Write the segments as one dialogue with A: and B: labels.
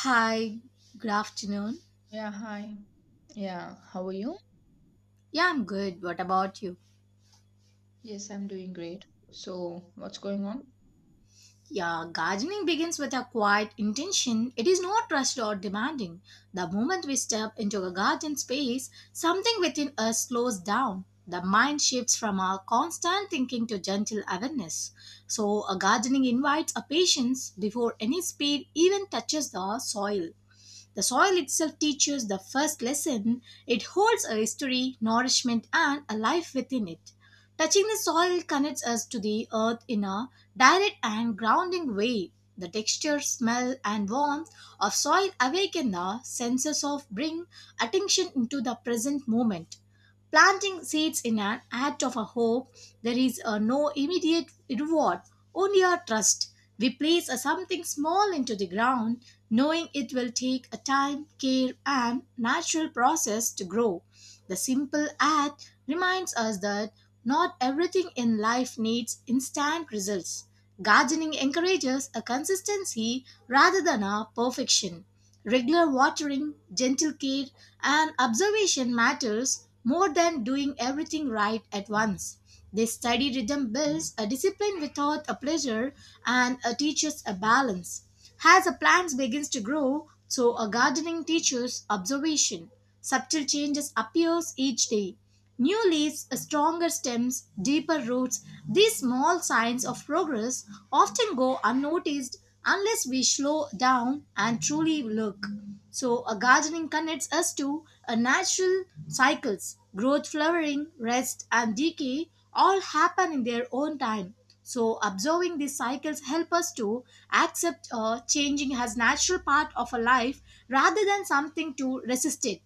A: Hi, good afternoon.
B: Yeah, hi. Yeah, how are you?
A: Yeah, I'm good. What about you?
B: Yes, I'm doing great. So, what's going on?
A: Yeah, gardening begins with a quiet intention. It is not rushed or demanding. The moment we step into a garden space, something within us slows down. The mind shifts from our constant thinking to gentle awareness. So, a gardening invites a patience before any speed even touches the soil. The soil itself teaches the first lesson. It holds a history, nourishment, and a life within it. Touching the soil connects us to the earth in a direct and grounding way. The texture, smell, and warmth of soil awaken the senses of bring attention into the present moment. Planting seeds in an act of a hope, there is no immediate reward, only our trust. We place a something small into the ground, knowing it will take a time, care, and natural process to grow. The simple act reminds us that not everything in life needs instant results. Gardening encourages a consistency rather than a perfection. Regular watering, gentle care, and observation matters more than doing everything right at once. This steady rhythm builds a discipline without a pleasure and teaches a balance. As a plant begins to grow, so a gardening teaches observation. Subtle changes appears each day. New leaves, stronger stems, deeper roots, these small signs of progress often go unnoticed unless we slow down and truly look. So, a gardening connects us to a natural cycles. Growth, flowering, rest, and decay all happen in their own time. So, observing these cycles help us to accept changing as natural part of a life rather than something to resist it.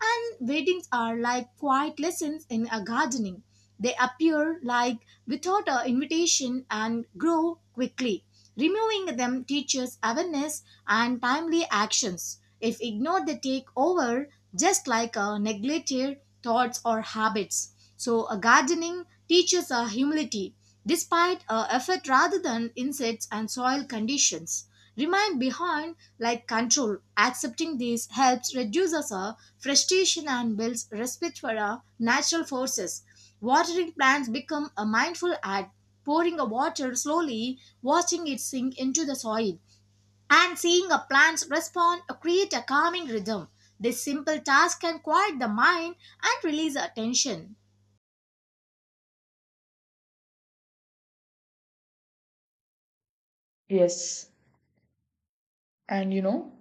A: And weddings are like quiet lessons in a gardening. They appear like without an invitation and grow quickly. Removing them teaches awareness and timely actions. If ignored, they take over just like a neglected thoughts or habits. So, a gardening teaches a humility despite a effort rather than insects and soil conditions remain behind like control. Accepting this helps reduces our frustration and builds respect for our natural forces. Watering plants become a mindful act, pouring a water slowly, watching it sink into the soil, and seeing a plant's respond create a calming rhythm. This simple task can quiet the mind and release attention.
B: Yes. And you know,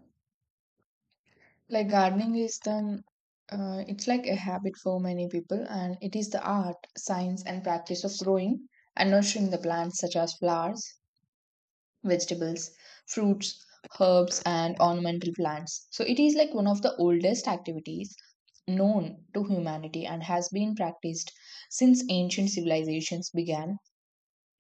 B: like gardening is it's like a habit for many people, and it is the art, science, and practice of growing and nurturing the plants such as flowers, vegetables, fruits, herbs, and ornamental plants. So, it is like one of the oldest activities known to humanity and has been practiced since ancient civilizations began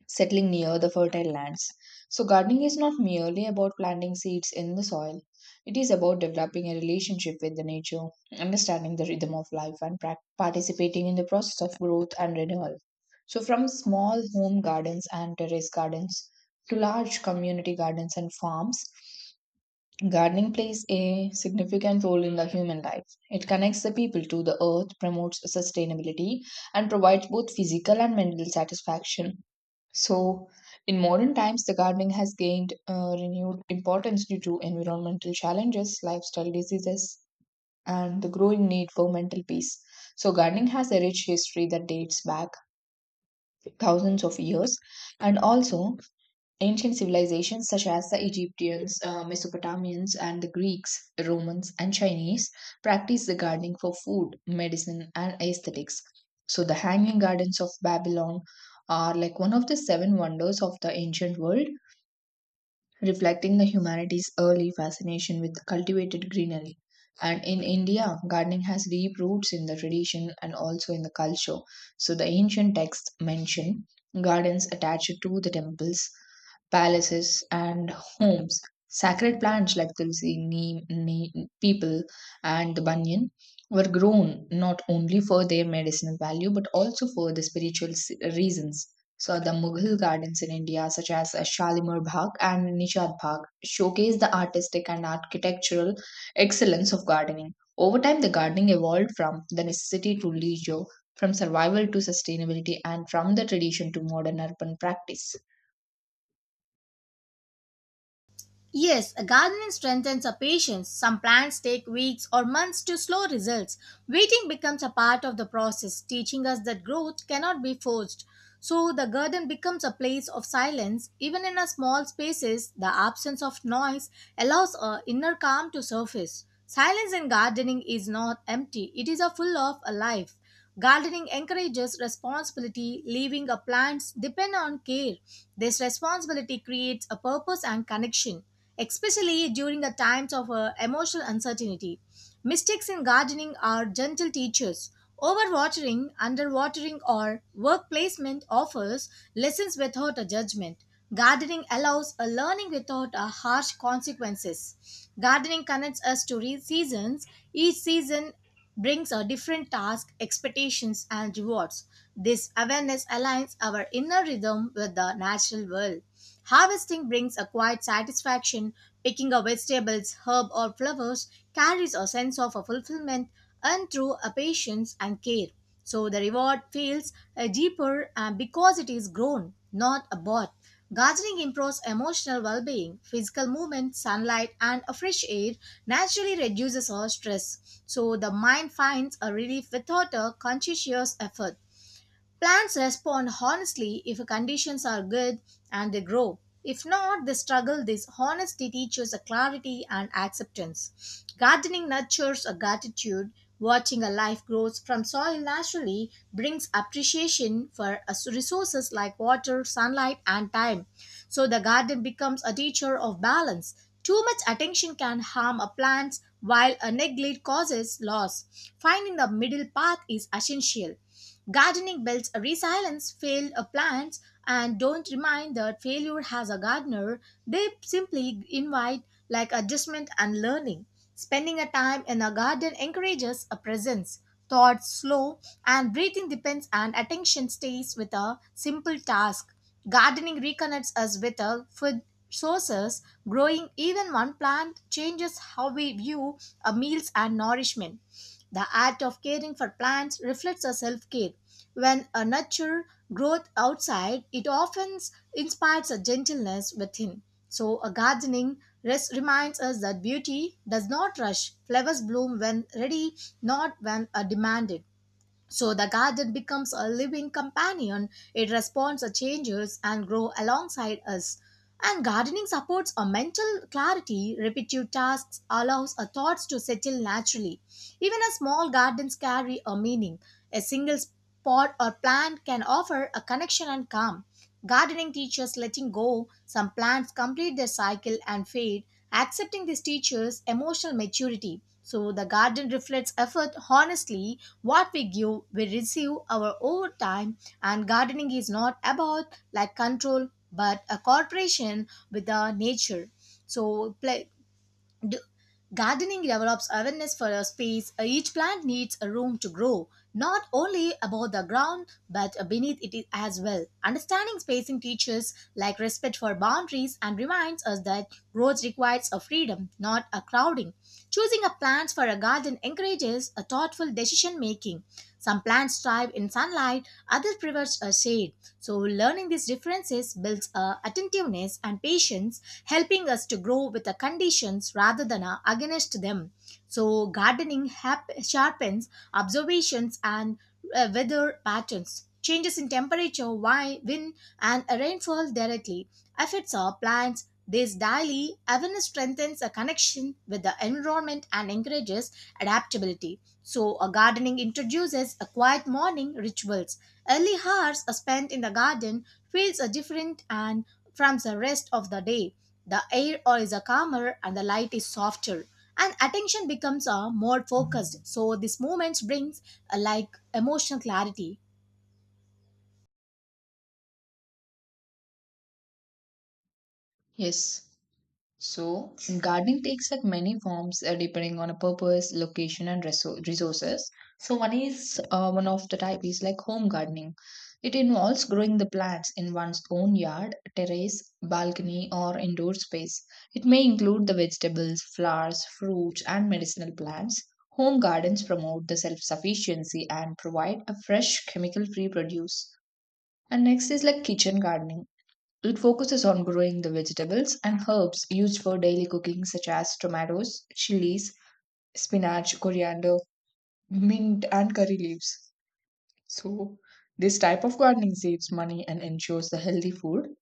B: settling near the fertile lands. So, gardening is not merely about planting seeds in the soil, it is about developing a relationship with the nature, understanding the rhythm of life, and participating in the process of growth and renewal. So, from small home gardens and terrace gardens to large community gardens and farms, gardening plays a significant role in the human life. It connects the people to the earth, promotes sustainability, and provides both physical and mental satisfaction. So, in modern times, the gardening has gained renewed importance due to environmental challenges, lifestyle diseases, and the growing need for mental peace. So, gardening has a rich history that dates back thousands of years, and also ancient civilizations such as the Egyptians, Mesopotamians, and the Greeks, Romans, and Chinese practiced the gardening for food, medicine, and aesthetics. So, the hanging gardens of Babylon are like one of the seven wonders of the ancient world, reflecting the humanity's early fascination with cultivated greenery. And in India, gardening has deep roots in the tradition and also in the culture. So the ancient texts mention gardens attached to the temples, palaces, and homes. Sacred plants like tulsi, neem, people, and the banyan were grown not only for their medicinal value but also for the reasons. So the Mughal gardens in India, such as Shalimar Bagh and Nishad Bagh, showcase the artistic and architectural excellence of gardening. Over time, the gardening evolved from the necessity to leisure, from survival to sustainability, and from the tradition to modern urban practice.
A: Yes, a gardening strengthens our patience. Some plants take weeks or months to slow results. Waiting becomes a part of the process, teaching us that growth cannot be forced. So the garden becomes a place of silence. Even in a small spaces, the absence of noise allows our inner calm to surface. Silence in gardening is not empty, it is a full of a life. Gardening encourages responsibility, leaving a plants depend on care. This responsibility creates a purpose and connection, especially during the times of emotional uncertainty. Mistakes in gardening are gentle teachers. Overwatering, underwatering, or work placement offers lessons without a judgment. Gardening allows a learning without a harsh consequences. Gardening connects us to seasons. Each season brings a different task, expectations, and rewards. This awareness aligns our inner rhythm with the natural world. Harvesting brings a quiet satisfaction. Picking up vegetables, herb, or flowers carries a sense of a fulfillment and through a patience and care. So the reward feels deeper because it is grown, not a bought. Gardening improves emotional well being. Physical movement, sunlight, and a fresh air naturally reduces our stress, so the mind finds a relief without a conscious effort. Plants respond honestly if conditions are good and they grow. If not, they struggle. This honesty teaches a clarity and acceptance. Gardening nurtures a gratitude. Watching a life grows from soil naturally brings appreciation for resources like water, sunlight, and time. So the garden becomes a teacher of balance. Too much attention can harm a plant, while a neglect causes loss. Finding the middle path is essential. Gardening builds a resilience, fail plants, and don't remind that failure has a gardener. They simply invite like adjustment and learning. Spending a time in a garden encourages a presence. Thoughts slow and breathing depends and attention stays with a simple task. Gardening reconnects us with our food sources. Growing even one plant changes how we view our meals and nourishment. The act of caring for plants reflects a self care. When a nurture growth outside, it often inspires a gentleness within. So, a gardening reminds us that beauty does not rush. Flowers bloom when ready, not when are demanded. So the garden becomes a living companion. It responds to changes and grows alongside us. And gardening supports a mental clarity. Repetitive tasks allows our thoughts to settle naturally. Even a small gardens carry a meaning. A single spot or plant can offer a connection and calm. Gardening teachers letting go some plants complete their cycle and fade, accepting this teacher's emotional maturity. So the garden reflects effort honestly. What we give, we receive our over time. And gardening is not about like control, but a cooperation with the nature. So pla- D- Gardening develops awareness for a space. Each plant needs a room to grow, not only above the ground but beneath it as well. Understanding spacing teaches like respect for boundaries and reminds us that growth requires a freedom, not a crowding. Choosing a plant for a garden encourages a thoughtful decision making. Some plants thrive in sunlight, others prefer a shade. So, learning these differences builds attentiveness and patience, helping us to grow with the conditions rather than against them. So, gardening sharpens observations and weather patterns. Changes in temperature, wind, and rainfall directly affects our plants. This daily awareness strengthens a connection with the environment and encourages adaptability. So, a gardening introduces a quiet morning rituals. Early hours spent in the garden feels a different and from the rest of the day. The air is a calmer and the light is softer and attention becomes a more focused. So these moments brings a like emotional clarity.
B: Yes. So, gardening takes like many forms depending on a purpose, location, and resources. So, one of the type is like home gardening. It involves growing the plants in one's own yard, terrace, balcony, or indoor space. It may include the vegetables, flowers, fruits, and medicinal plants. Home gardens promote the self sufficiency and provide a fresh, chemical free produce. And next is like kitchen gardening. It focuses on growing the vegetables and herbs used for daily cooking, such as tomatoes, chilies, spinach, coriander, mint, and curry leaves. So, this type of gardening saves money and ensures the healthy food.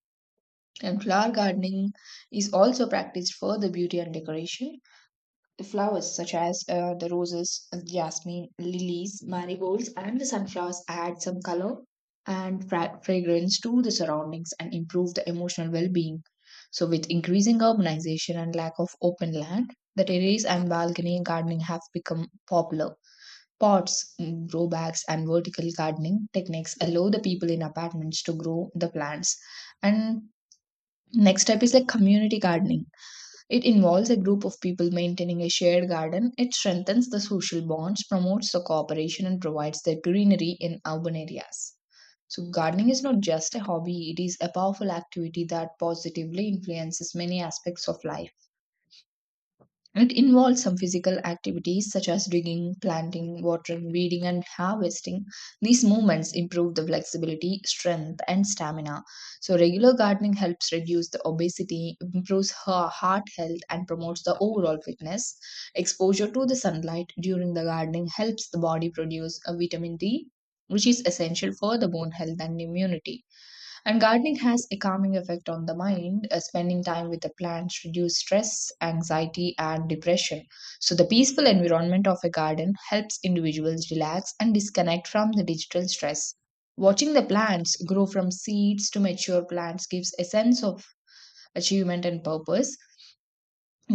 B: And flower gardening is also practiced for the beauty and decoration. The flowers, such as the roses, jasmine, lilies, marigolds, and the sunflowers, add some color and fragrance to the surroundings and improve the emotional well being. So, with increasing urbanization and lack of open land, the terrace and balcony gardening have become popular. Pots, grow bags, and vertical gardening techniques allow the people in apartments to grow the plants. And next step is like community gardening. It involves a group of people maintaining a shared garden. It strengthens the social bonds, promotes the cooperation, and provides the greenery in urban areas. So, gardening is not just a hobby, it is a powerful activity that positively influences many aspects of life. It involves some physical activities such as digging, planting, watering, weeding, and harvesting. These movements improve the flexibility, strength, and stamina. So, regular gardening helps reduce the obesity, improves her heart health, and promotes the overall fitness. Exposure to the sunlight during the gardening helps the body produce a vitamin D, which is essential for the bone health and immunity. And gardening has a calming effect on the mind. Spending time with the plants reduce stress, anxiety, and depression. So the peaceful environment of a garden helps individuals relax and disconnect from the digital stress. Watching the plants grow from seeds to mature plants gives a sense of achievement and purpose.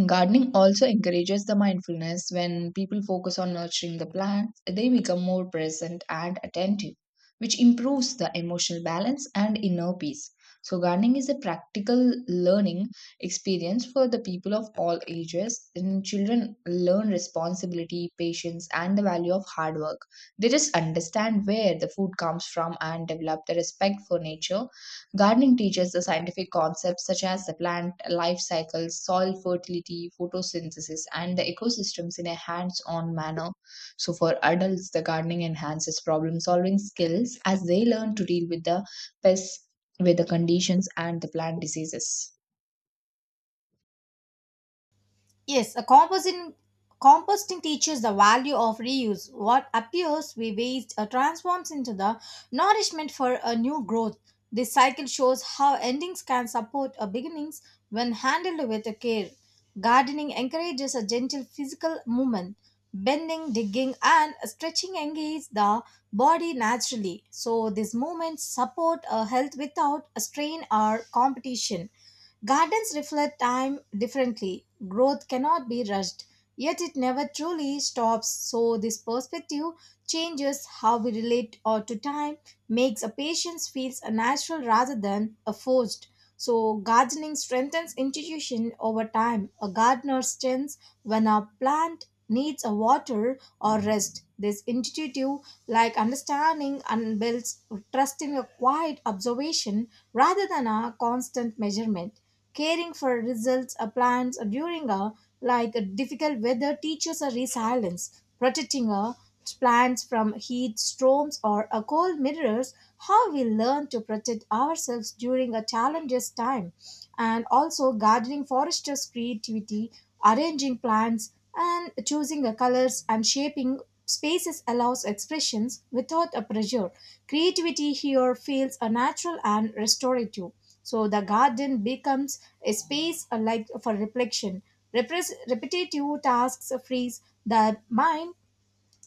B: Gardening also encourages the mindfulness. When people focus on nurturing the plants, they become more present and attentive, which improves the emotional balance and inner peace. So, gardening is a practical learning experience for the people of all ages, and children learn responsibility, patience, and the value of hard work. They just understand where the food comes from and develop the respect for nature. Gardening teaches the scientific concepts such as the plant life cycle, soil fertility, photosynthesis, and the ecosystems in a hands on manner. So, for adults, the gardening enhances problem solving skills as they learn to deal with the pests, weather conditions, and the plant diseases.
A: Yes, a composting composting teaches the value of reuse. What appears we waste transforms into the nourishment for a new growth. This cycle shows how endings can support a beginnings when handled with care. Gardening encourages a gentle physical movement. Bending, digging, and stretching engage the body naturally. So, these movements support a health without a strain or competition. Gardens reflect time differently. Growth cannot be rushed, yet it never truly stops. So, this perspective changes how we relate or to time, makes a patience feels a natural rather than a forced. So, gardening strengthens institution over time. A gardener strengthens when a plant needs a water or rest. This intuitive like understanding and builds trust in your quiet observation rather than a constant measurement caring for results or plans during a like a difficult weather teaches a resilience protecting a plants from heat storms or a cold mirrors how we learn to protect ourselves during a challenges time and also gardening foresters creativity arranging plants and choosing the colors and shaping spaces allows expressions without a pressure. Creativity here feels a natural and restorative. So the garden becomes a space like for reflection. Repetitive tasks frees the mind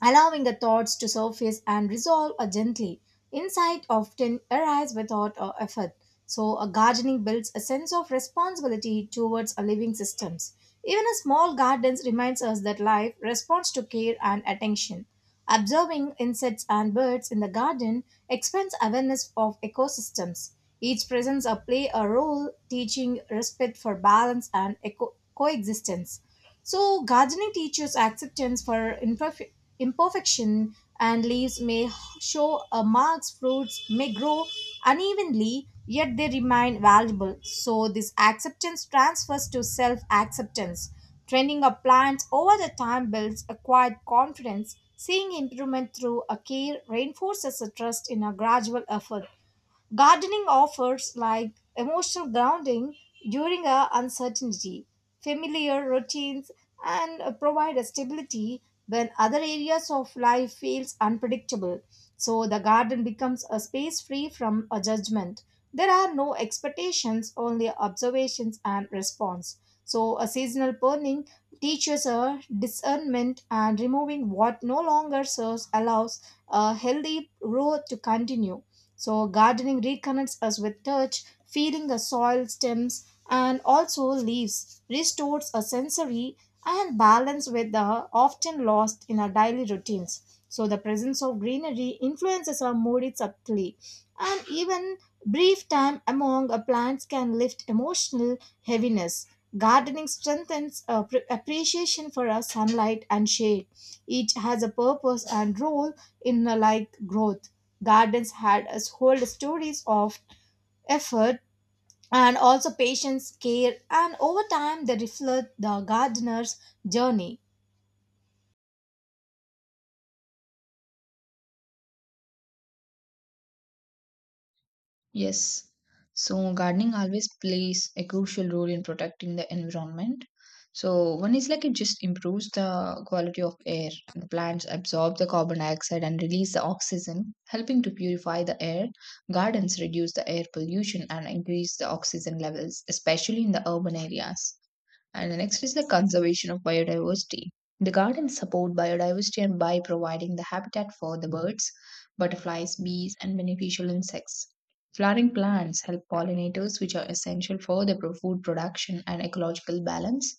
A: allowing the thoughts to surface and resolve gently. Insight often arrives without effort. So, a gardening builds a sense of responsibility towards our living systems. Even a small garden reminds us that life responds to care and attention. Observing insects and birds in the garden expands awareness of ecosystems. Each presence a play a role, teaching respect for balance and coexistence. So, gardening teaches acceptance for imperfection, and leaves may show marks, fruits may grow unevenly, yet they remain valuable. So, this acceptance transfers to self acceptance. Training a plant over the time builds acquired confidence. Seeing improvement through a care reinforces a trust in a gradual effort. Gardening offers like emotional grounding during a uncertainty, familiar routines, and provide a stability when other areas of life feels unpredictable. So the garden becomes a space free from a judgment. There are no expectations, only observations and response. So, a seasonal burning teaches a discernment and removing what no longer serves allows a healthy growth to continue. So, gardening reconnects us with touch, feeling the soil, stems, and also leaves, restores a sensory and balance with the often lost in our daily routines. So the presence of greenery influences our mood subtly, and even brief time among our plants can lift emotional heaviness. Gardening strengthens our appreciation for our sunlight and shade. Each has a purpose and role in a like growth. Gardens had us hold stories of effort and also patience, care, and over time they reflect the gardener's journey.
B: Yes. So gardening always plays a crucial role in protecting the environment. So one is like it just improves the quality of air. The plants absorb the carbon dioxide and release the oxygen, helping to purify the air. Gardens reduce the air pollution and increase the oxygen levels, especially in the urban areas. And the next is the conservation of biodiversity. The gardens support biodiversity and by providing the habitat for the birds, butterflies, bees, and beneficial insects. Flowering plants help pollinators, which are essential for the food production and ecological balance.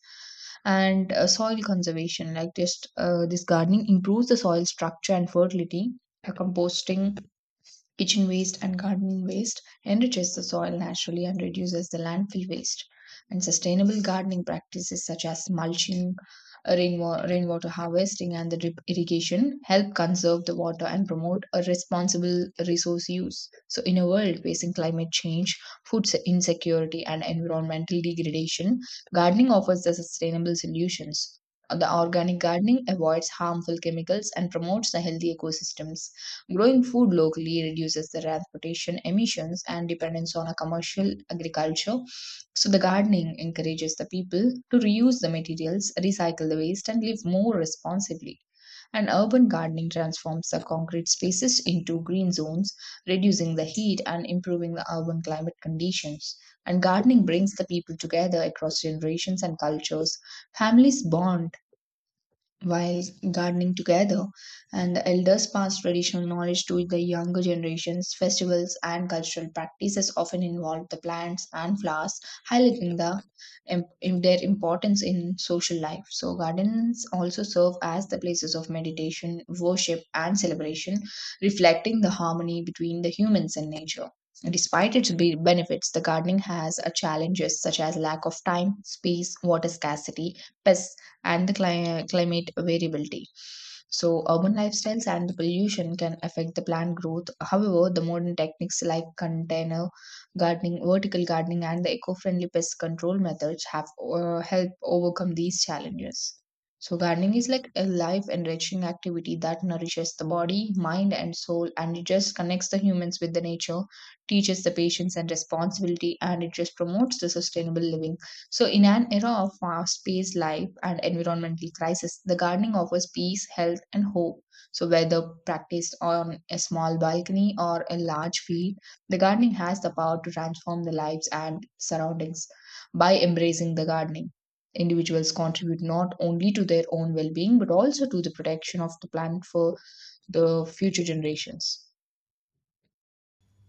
B: And soil conservation, like just this gardening improves the soil structure and fertility. Composting kitchen waste and gardening waste enriches the soil naturally and reduces the landfill waste. And sustainable gardening practices such as mulching, rainwater harvesting, and the drip irrigation help conserve the water and promote a responsible resource use. So, in a world facing climate change, insecurity, and environmental degradation, gardening offers the sustainable solutions. The organic gardening avoids harmful chemicals and promotes the healthy ecosystems. Growing food locally reduces the transportation emissions and dependence on a commercial agriculture. So the gardening encourages the people to reuse the materials, recycle the waste, and live more responsibly. And urban gardening transforms the concrete spaces into green zones, reducing the heat and improving the urban climate conditions. And gardening brings the people together across generations and cultures. Families bond while gardening together, and the elders pass traditional knowledge to the younger generations. Festivals and cultural practices often involve the plants and flowers, highlighting the their importance in social life. So, gardens also serve as the places of meditation, worship, and celebration, reflecting the harmony between the humans and nature. Despite its benefits, the gardening has challenges such as lack of time, space, water scarcity, pests, and the climate variability. So, urban lifestyles and the pollution can affect the plant growth. However, the modern techniques like container gardening, vertical gardening, and the eco friendly pest control methods have helped overcome these challenges. So, gardening is like a life enriching activity that nourishes the body, mind, and soul, and it just connects the humans with the nature, teaches the patience and responsibility, and it just promotes the sustainable living. So, in an era of fast paced life and environmental crisis, the gardening offers peace, health, and hope. So, whether practiced on a small balcony or a large field, the gardening has the power to transform the lives and surroundings. By embracing the gardening, individuals contribute not only to their own well being but also to the protection of the planet for the future generations.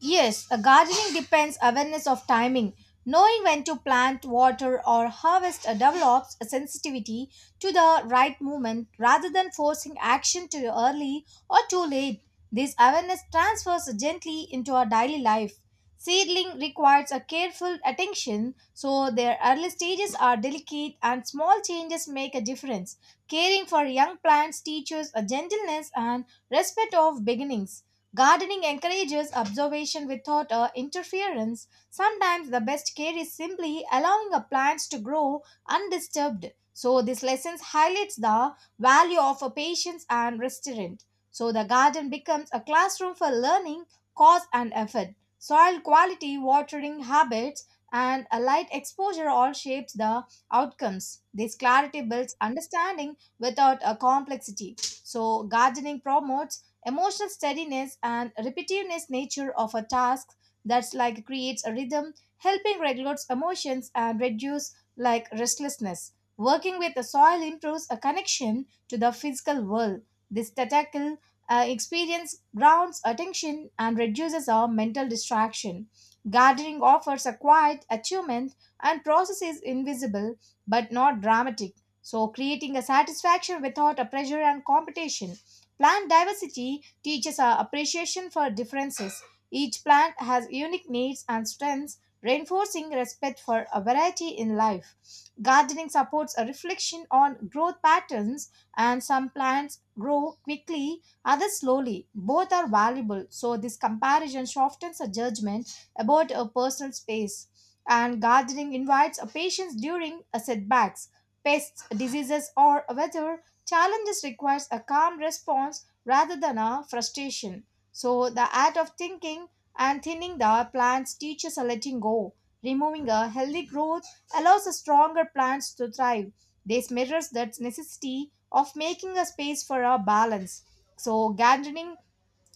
A: Yes, a gardening depends awareness of timing. Knowing when to plant, water, or harvest develops a sensitivity to the right moment rather than forcing action too early or too late. This awareness transfers gently into our daily life. Seedling requires a careful attention, so their early stages are delicate and small changes make a difference. Caring for young plants teaches a gentleness and respect of beginnings. Gardening encourages observation without interference. Sometimes the best care is simply allowing a plant to grow undisturbed. So this lesson highlights the value of a patience and restraint. So the garden becomes a classroom for learning, cause and effort. Soil quality, watering habits, and a light exposure all shapes the outcomes. This clarity builds understanding without a complexity. So gardening promotes emotional steadiness and repetitiveness nature of a task that's like creates a rhythm, helping regulate emotions and reduce like restlessness. Working with the soil improves a connection to the physical world. This tactile experience grounds attention and reduces our mental distraction. Gardening offers a quiet achievement and process is invisible but not dramatic. So, creating a satisfaction without a pressure and competition. Plant diversity teaches our appreciation for differences. Each plant has unique needs and strengths, reinforcing respect for a variety in life. Gardening supports a reflection on growth patterns, and some plants grow quickly, others slowly. Both are valuable, so this comparison softens a judgment about a personal space. And gardening invites a patience during a setbacks, pests, diseases, or weather challenges requires a calm response rather than a frustration. So the art of thinking and thinning the plants teaches a letting go. Removing a healthy growth allows a stronger plants to thrive. This mirrors that necessity of making a space for a balance. So gardening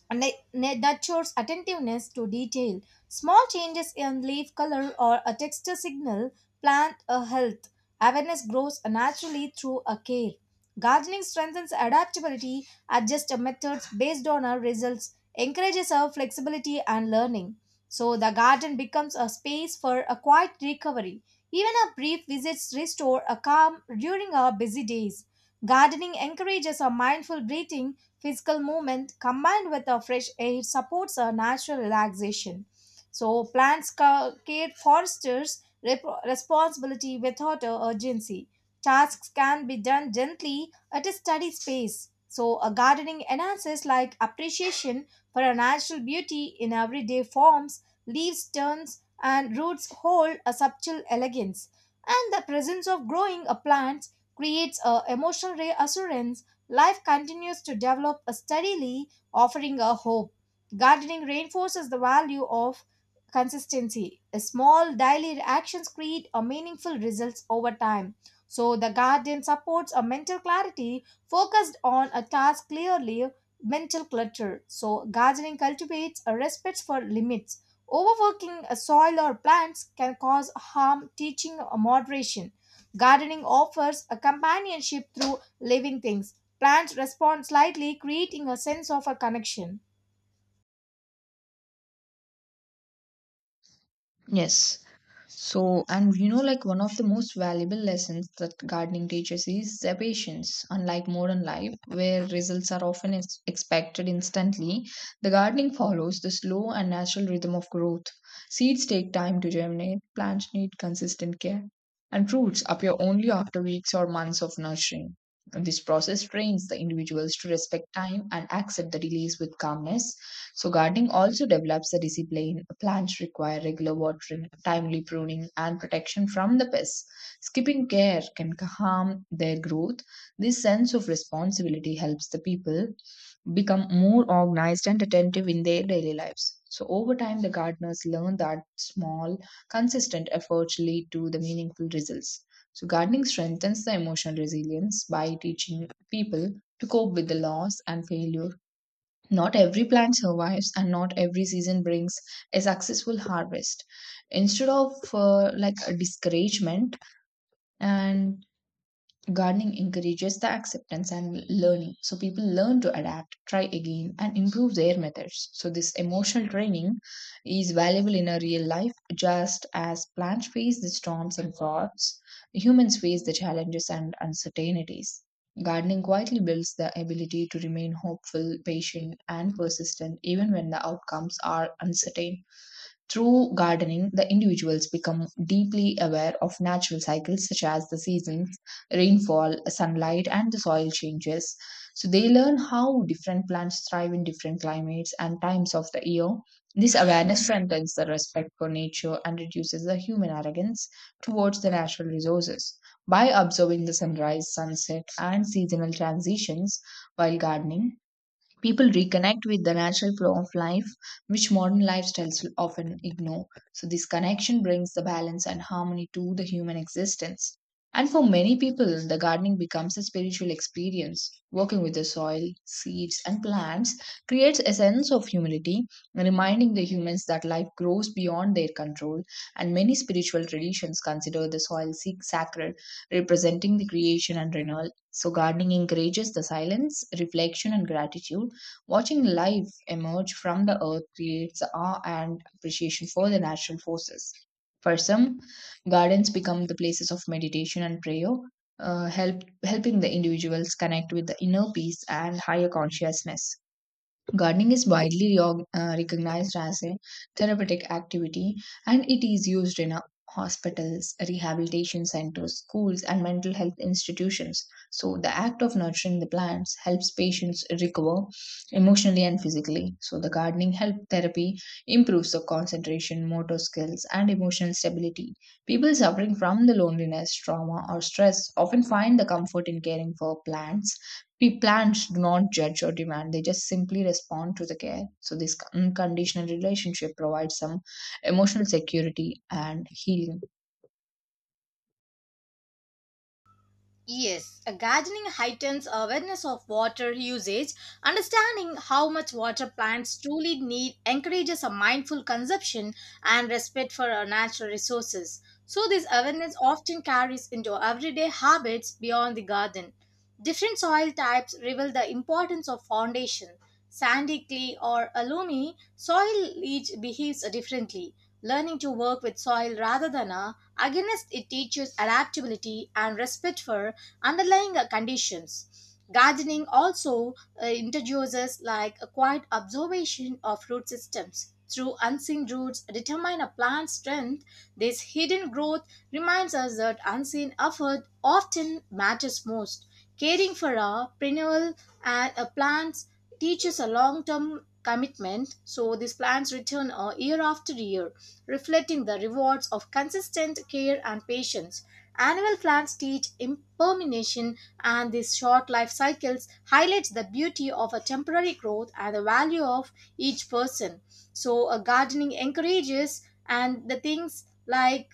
A: and that shows attentiveness to detail. Small changes in leaf color or a texture signal plant a health. Awareness grows naturally through a care. Gardening strengthens adaptability, adjusts methods based on our results, encourages our flexibility and learning. So the garden becomes a space for a quiet recovery. Even our brief visits restore a calm during our busy days. Gardening encourages a mindful breathing. Physical movement combined with a fresh air supports a natural relaxation. So plants care fosters responsibility without a urgency. Tasks can be done gently at a study space. So a gardening enhances like appreciation for a natural beauty in everyday forms, leaves turns and roots hold a subtle elegance. And the presence of growing a plant creates a emotional reassurance. Life continues to develop steadily, offering a hope. Gardening reinforces the value of consistency. Small daily actions create a meaningful results over time. So the garden supports a mental clarity focused on a task clearly mental clutter. So gardening cultivates a respect for limits. Overworking a soil or plants can cause harm, teaching a moderation. Gardening offers a companionship through living things. Plants respond slightly, creating a sense of a connection.
B: Yes. So, and you know, like one of the most valuable lessons that gardening teaches is the patience. Unlike modern life, where results are often expected instantly, the gardening follows the slow and natural rhythm of growth. Seeds take time to germinate, plants need consistent care, and fruits appear only after weeks or months of nurturing. This process trains the individuals to respect time and accept the delays with calmness, so, gardening also develops a discipline. Plants require regular watering, timely pruning, and protection from the pests. Skipping care can harm their growth. This sense of responsibility helps the people become more organized and attentive in their daily lives. So, over time, the gardeners learn that small, consistent efforts lead to the meaningful results. So, gardening strengthens the emotional resilience by teaching people to cope with the loss and failure. Not every plant survives, and not every season brings a successful harvest. Instead of like a discouragement, and gardening encourages the acceptance and learning. So people learn to adapt, try again, and improve their methods. So this emotional training is valuable in a real life, just as plants face the storms and floods, humans face the challenges and uncertainties. Gardening quietly builds the ability to remain hopeful, patient, and persistent even when the outcomes are uncertain. Through gardening, the individuals become deeply aware of natural cycles such as the seasons, rainfall, sunlight, and the soil changes. So they learn how different plants thrive in different climates and times of the year. This awareness strengthens the respect for nature and reduces the human arrogance towards the natural resources. By observing the sunrise, sunset, and seasonal transitions while gardening, people reconnect with the natural flow of life, which modern lifestyles often ignore. So, this connection brings the balance and harmony to the human existence. And for many people, the gardening becomes a spiritual experience. Working with the soil, seeds, and plants creates a sense of humility, reminding the humans that life grows beyond their control. And many spiritual traditions consider the soil sacred, representing the creation and renewal. So, gardening encourages the silence, reflection, and gratitude. Watching life emerge from the earth creates awe and appreciation for the natural forces. For some, gardens become the places of meditation and prayer, helping the individuals connect with the inner peace and higher consciousness. Gardening is widely recognized as a therapeutic activity, and it is used in hospitals, rehabilitation centers, schools, and mental health institutions. So, the act of nurturing the plants helps patients recover emotionally and physically. So, the gardening help therapy improves the concentration, motor skills, and emotional stability. People suffering from the loneliness, trauma, or stress often find the comfort in caring for plants. We plants do not judge or demand, they just simply respond to the care. So, this unconditional relationship provides some emotional security and healing.
A: Yes, a gardening heightens awareness of water usage. Understanding how much water plants truly need encourages a mindful consumption and respect for our natural resources. So, this awareness often carries into everyday habits beyond the garden. Different soil types reveal the importance of foundation. Sandy, clay, or alumni soil each behaves differently. Learning to work with soil rather than a against it teaches adaptability and respect for underlying conditions. Gardening also introduces like a quiet observation of root systems. Through unseen roots determine a plant's strength, this hidden growth reminds us that unseen effort often matters most. Caring for a perennial and a plants teaches a long-term commitment, so these plants return year after year, reflecting the rewards of consistent care and patience. Annual plants teach impermanence, and these short life cycles highlights the beauty of a temporary growth and the value of each person. So, a gardening encourages and the things like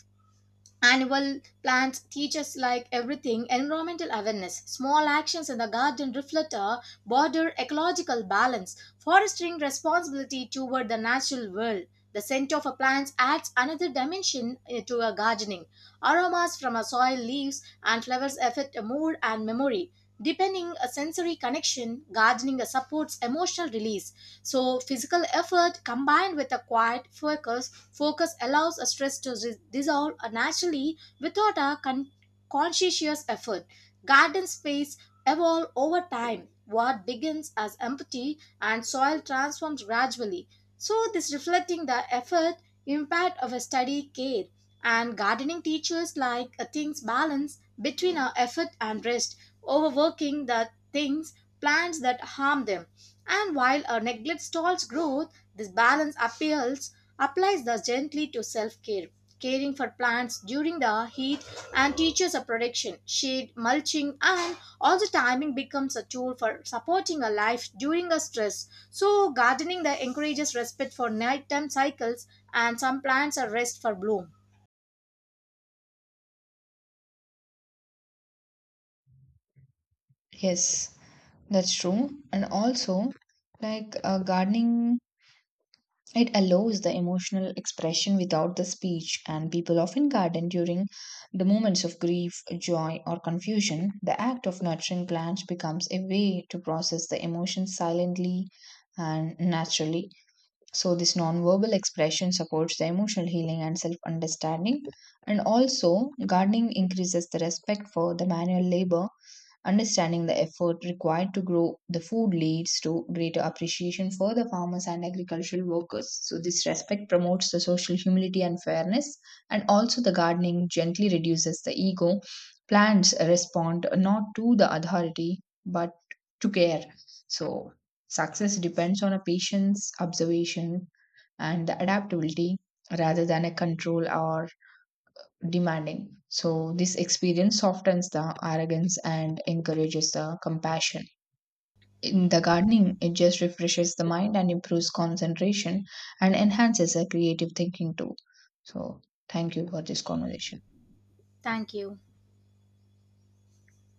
A: annual plants teach us like everything environmental awareness. Small actions in the garden reflect a broader ecological balance, fostering responsibility toward the natural world. The scent of a plant adds another dimension to a gardening. Aromas from a soil, leaves, and flowers affect a mood and memory. Deepening a sensory connection, gardening supports emotional release. So, physical effort combined with a quiet focus focus allows a stress to dissolve naturally without a conscious effort. Garden space evolve over time. What begins as empty and soil transforms gradually. So this reflecting the effort, impact of a steady care. And gardening teaches like a things balance between our effort and rest. Overworking the things plants that harm them. And while a neglect stalls growth, this balance appeals applies thus gently to self-care. Caring for plants during the heat and teaches a protection, shade, mulching, and also timing becomes a tool for supporting a life during a stress. So gardening that encourages respect for nighttime cycles and some plants are rest for bloom.
B: Yes, that's true. And also, like gardening, it allows the emotional expression without the speech, and people often garden during the moments of grief, joy, or confusion. The act of nurturing plants becomes a way to process the emotions silently and naturally. So, this non-verbal expression supports the emotional healing and self understanding, and also gardening increases the respect for the manual labor. Understanding the effort required to grow the food leads to greater appreciation for the farmers and agricultural workers. So, this respect promotes the social humility and fairness, and also the gardening gently reduces the ego. Plants respond not to the authority but to care. So, success depends on a patient's observation and the adaptability rather than a control or demanding. So, this experience softens the arrogance and encourages the compassion. In the gardening, it just refreshes the mind and improves concentration and enhances the creative thinking too. So, thank you for this conversation.
A: Thank you.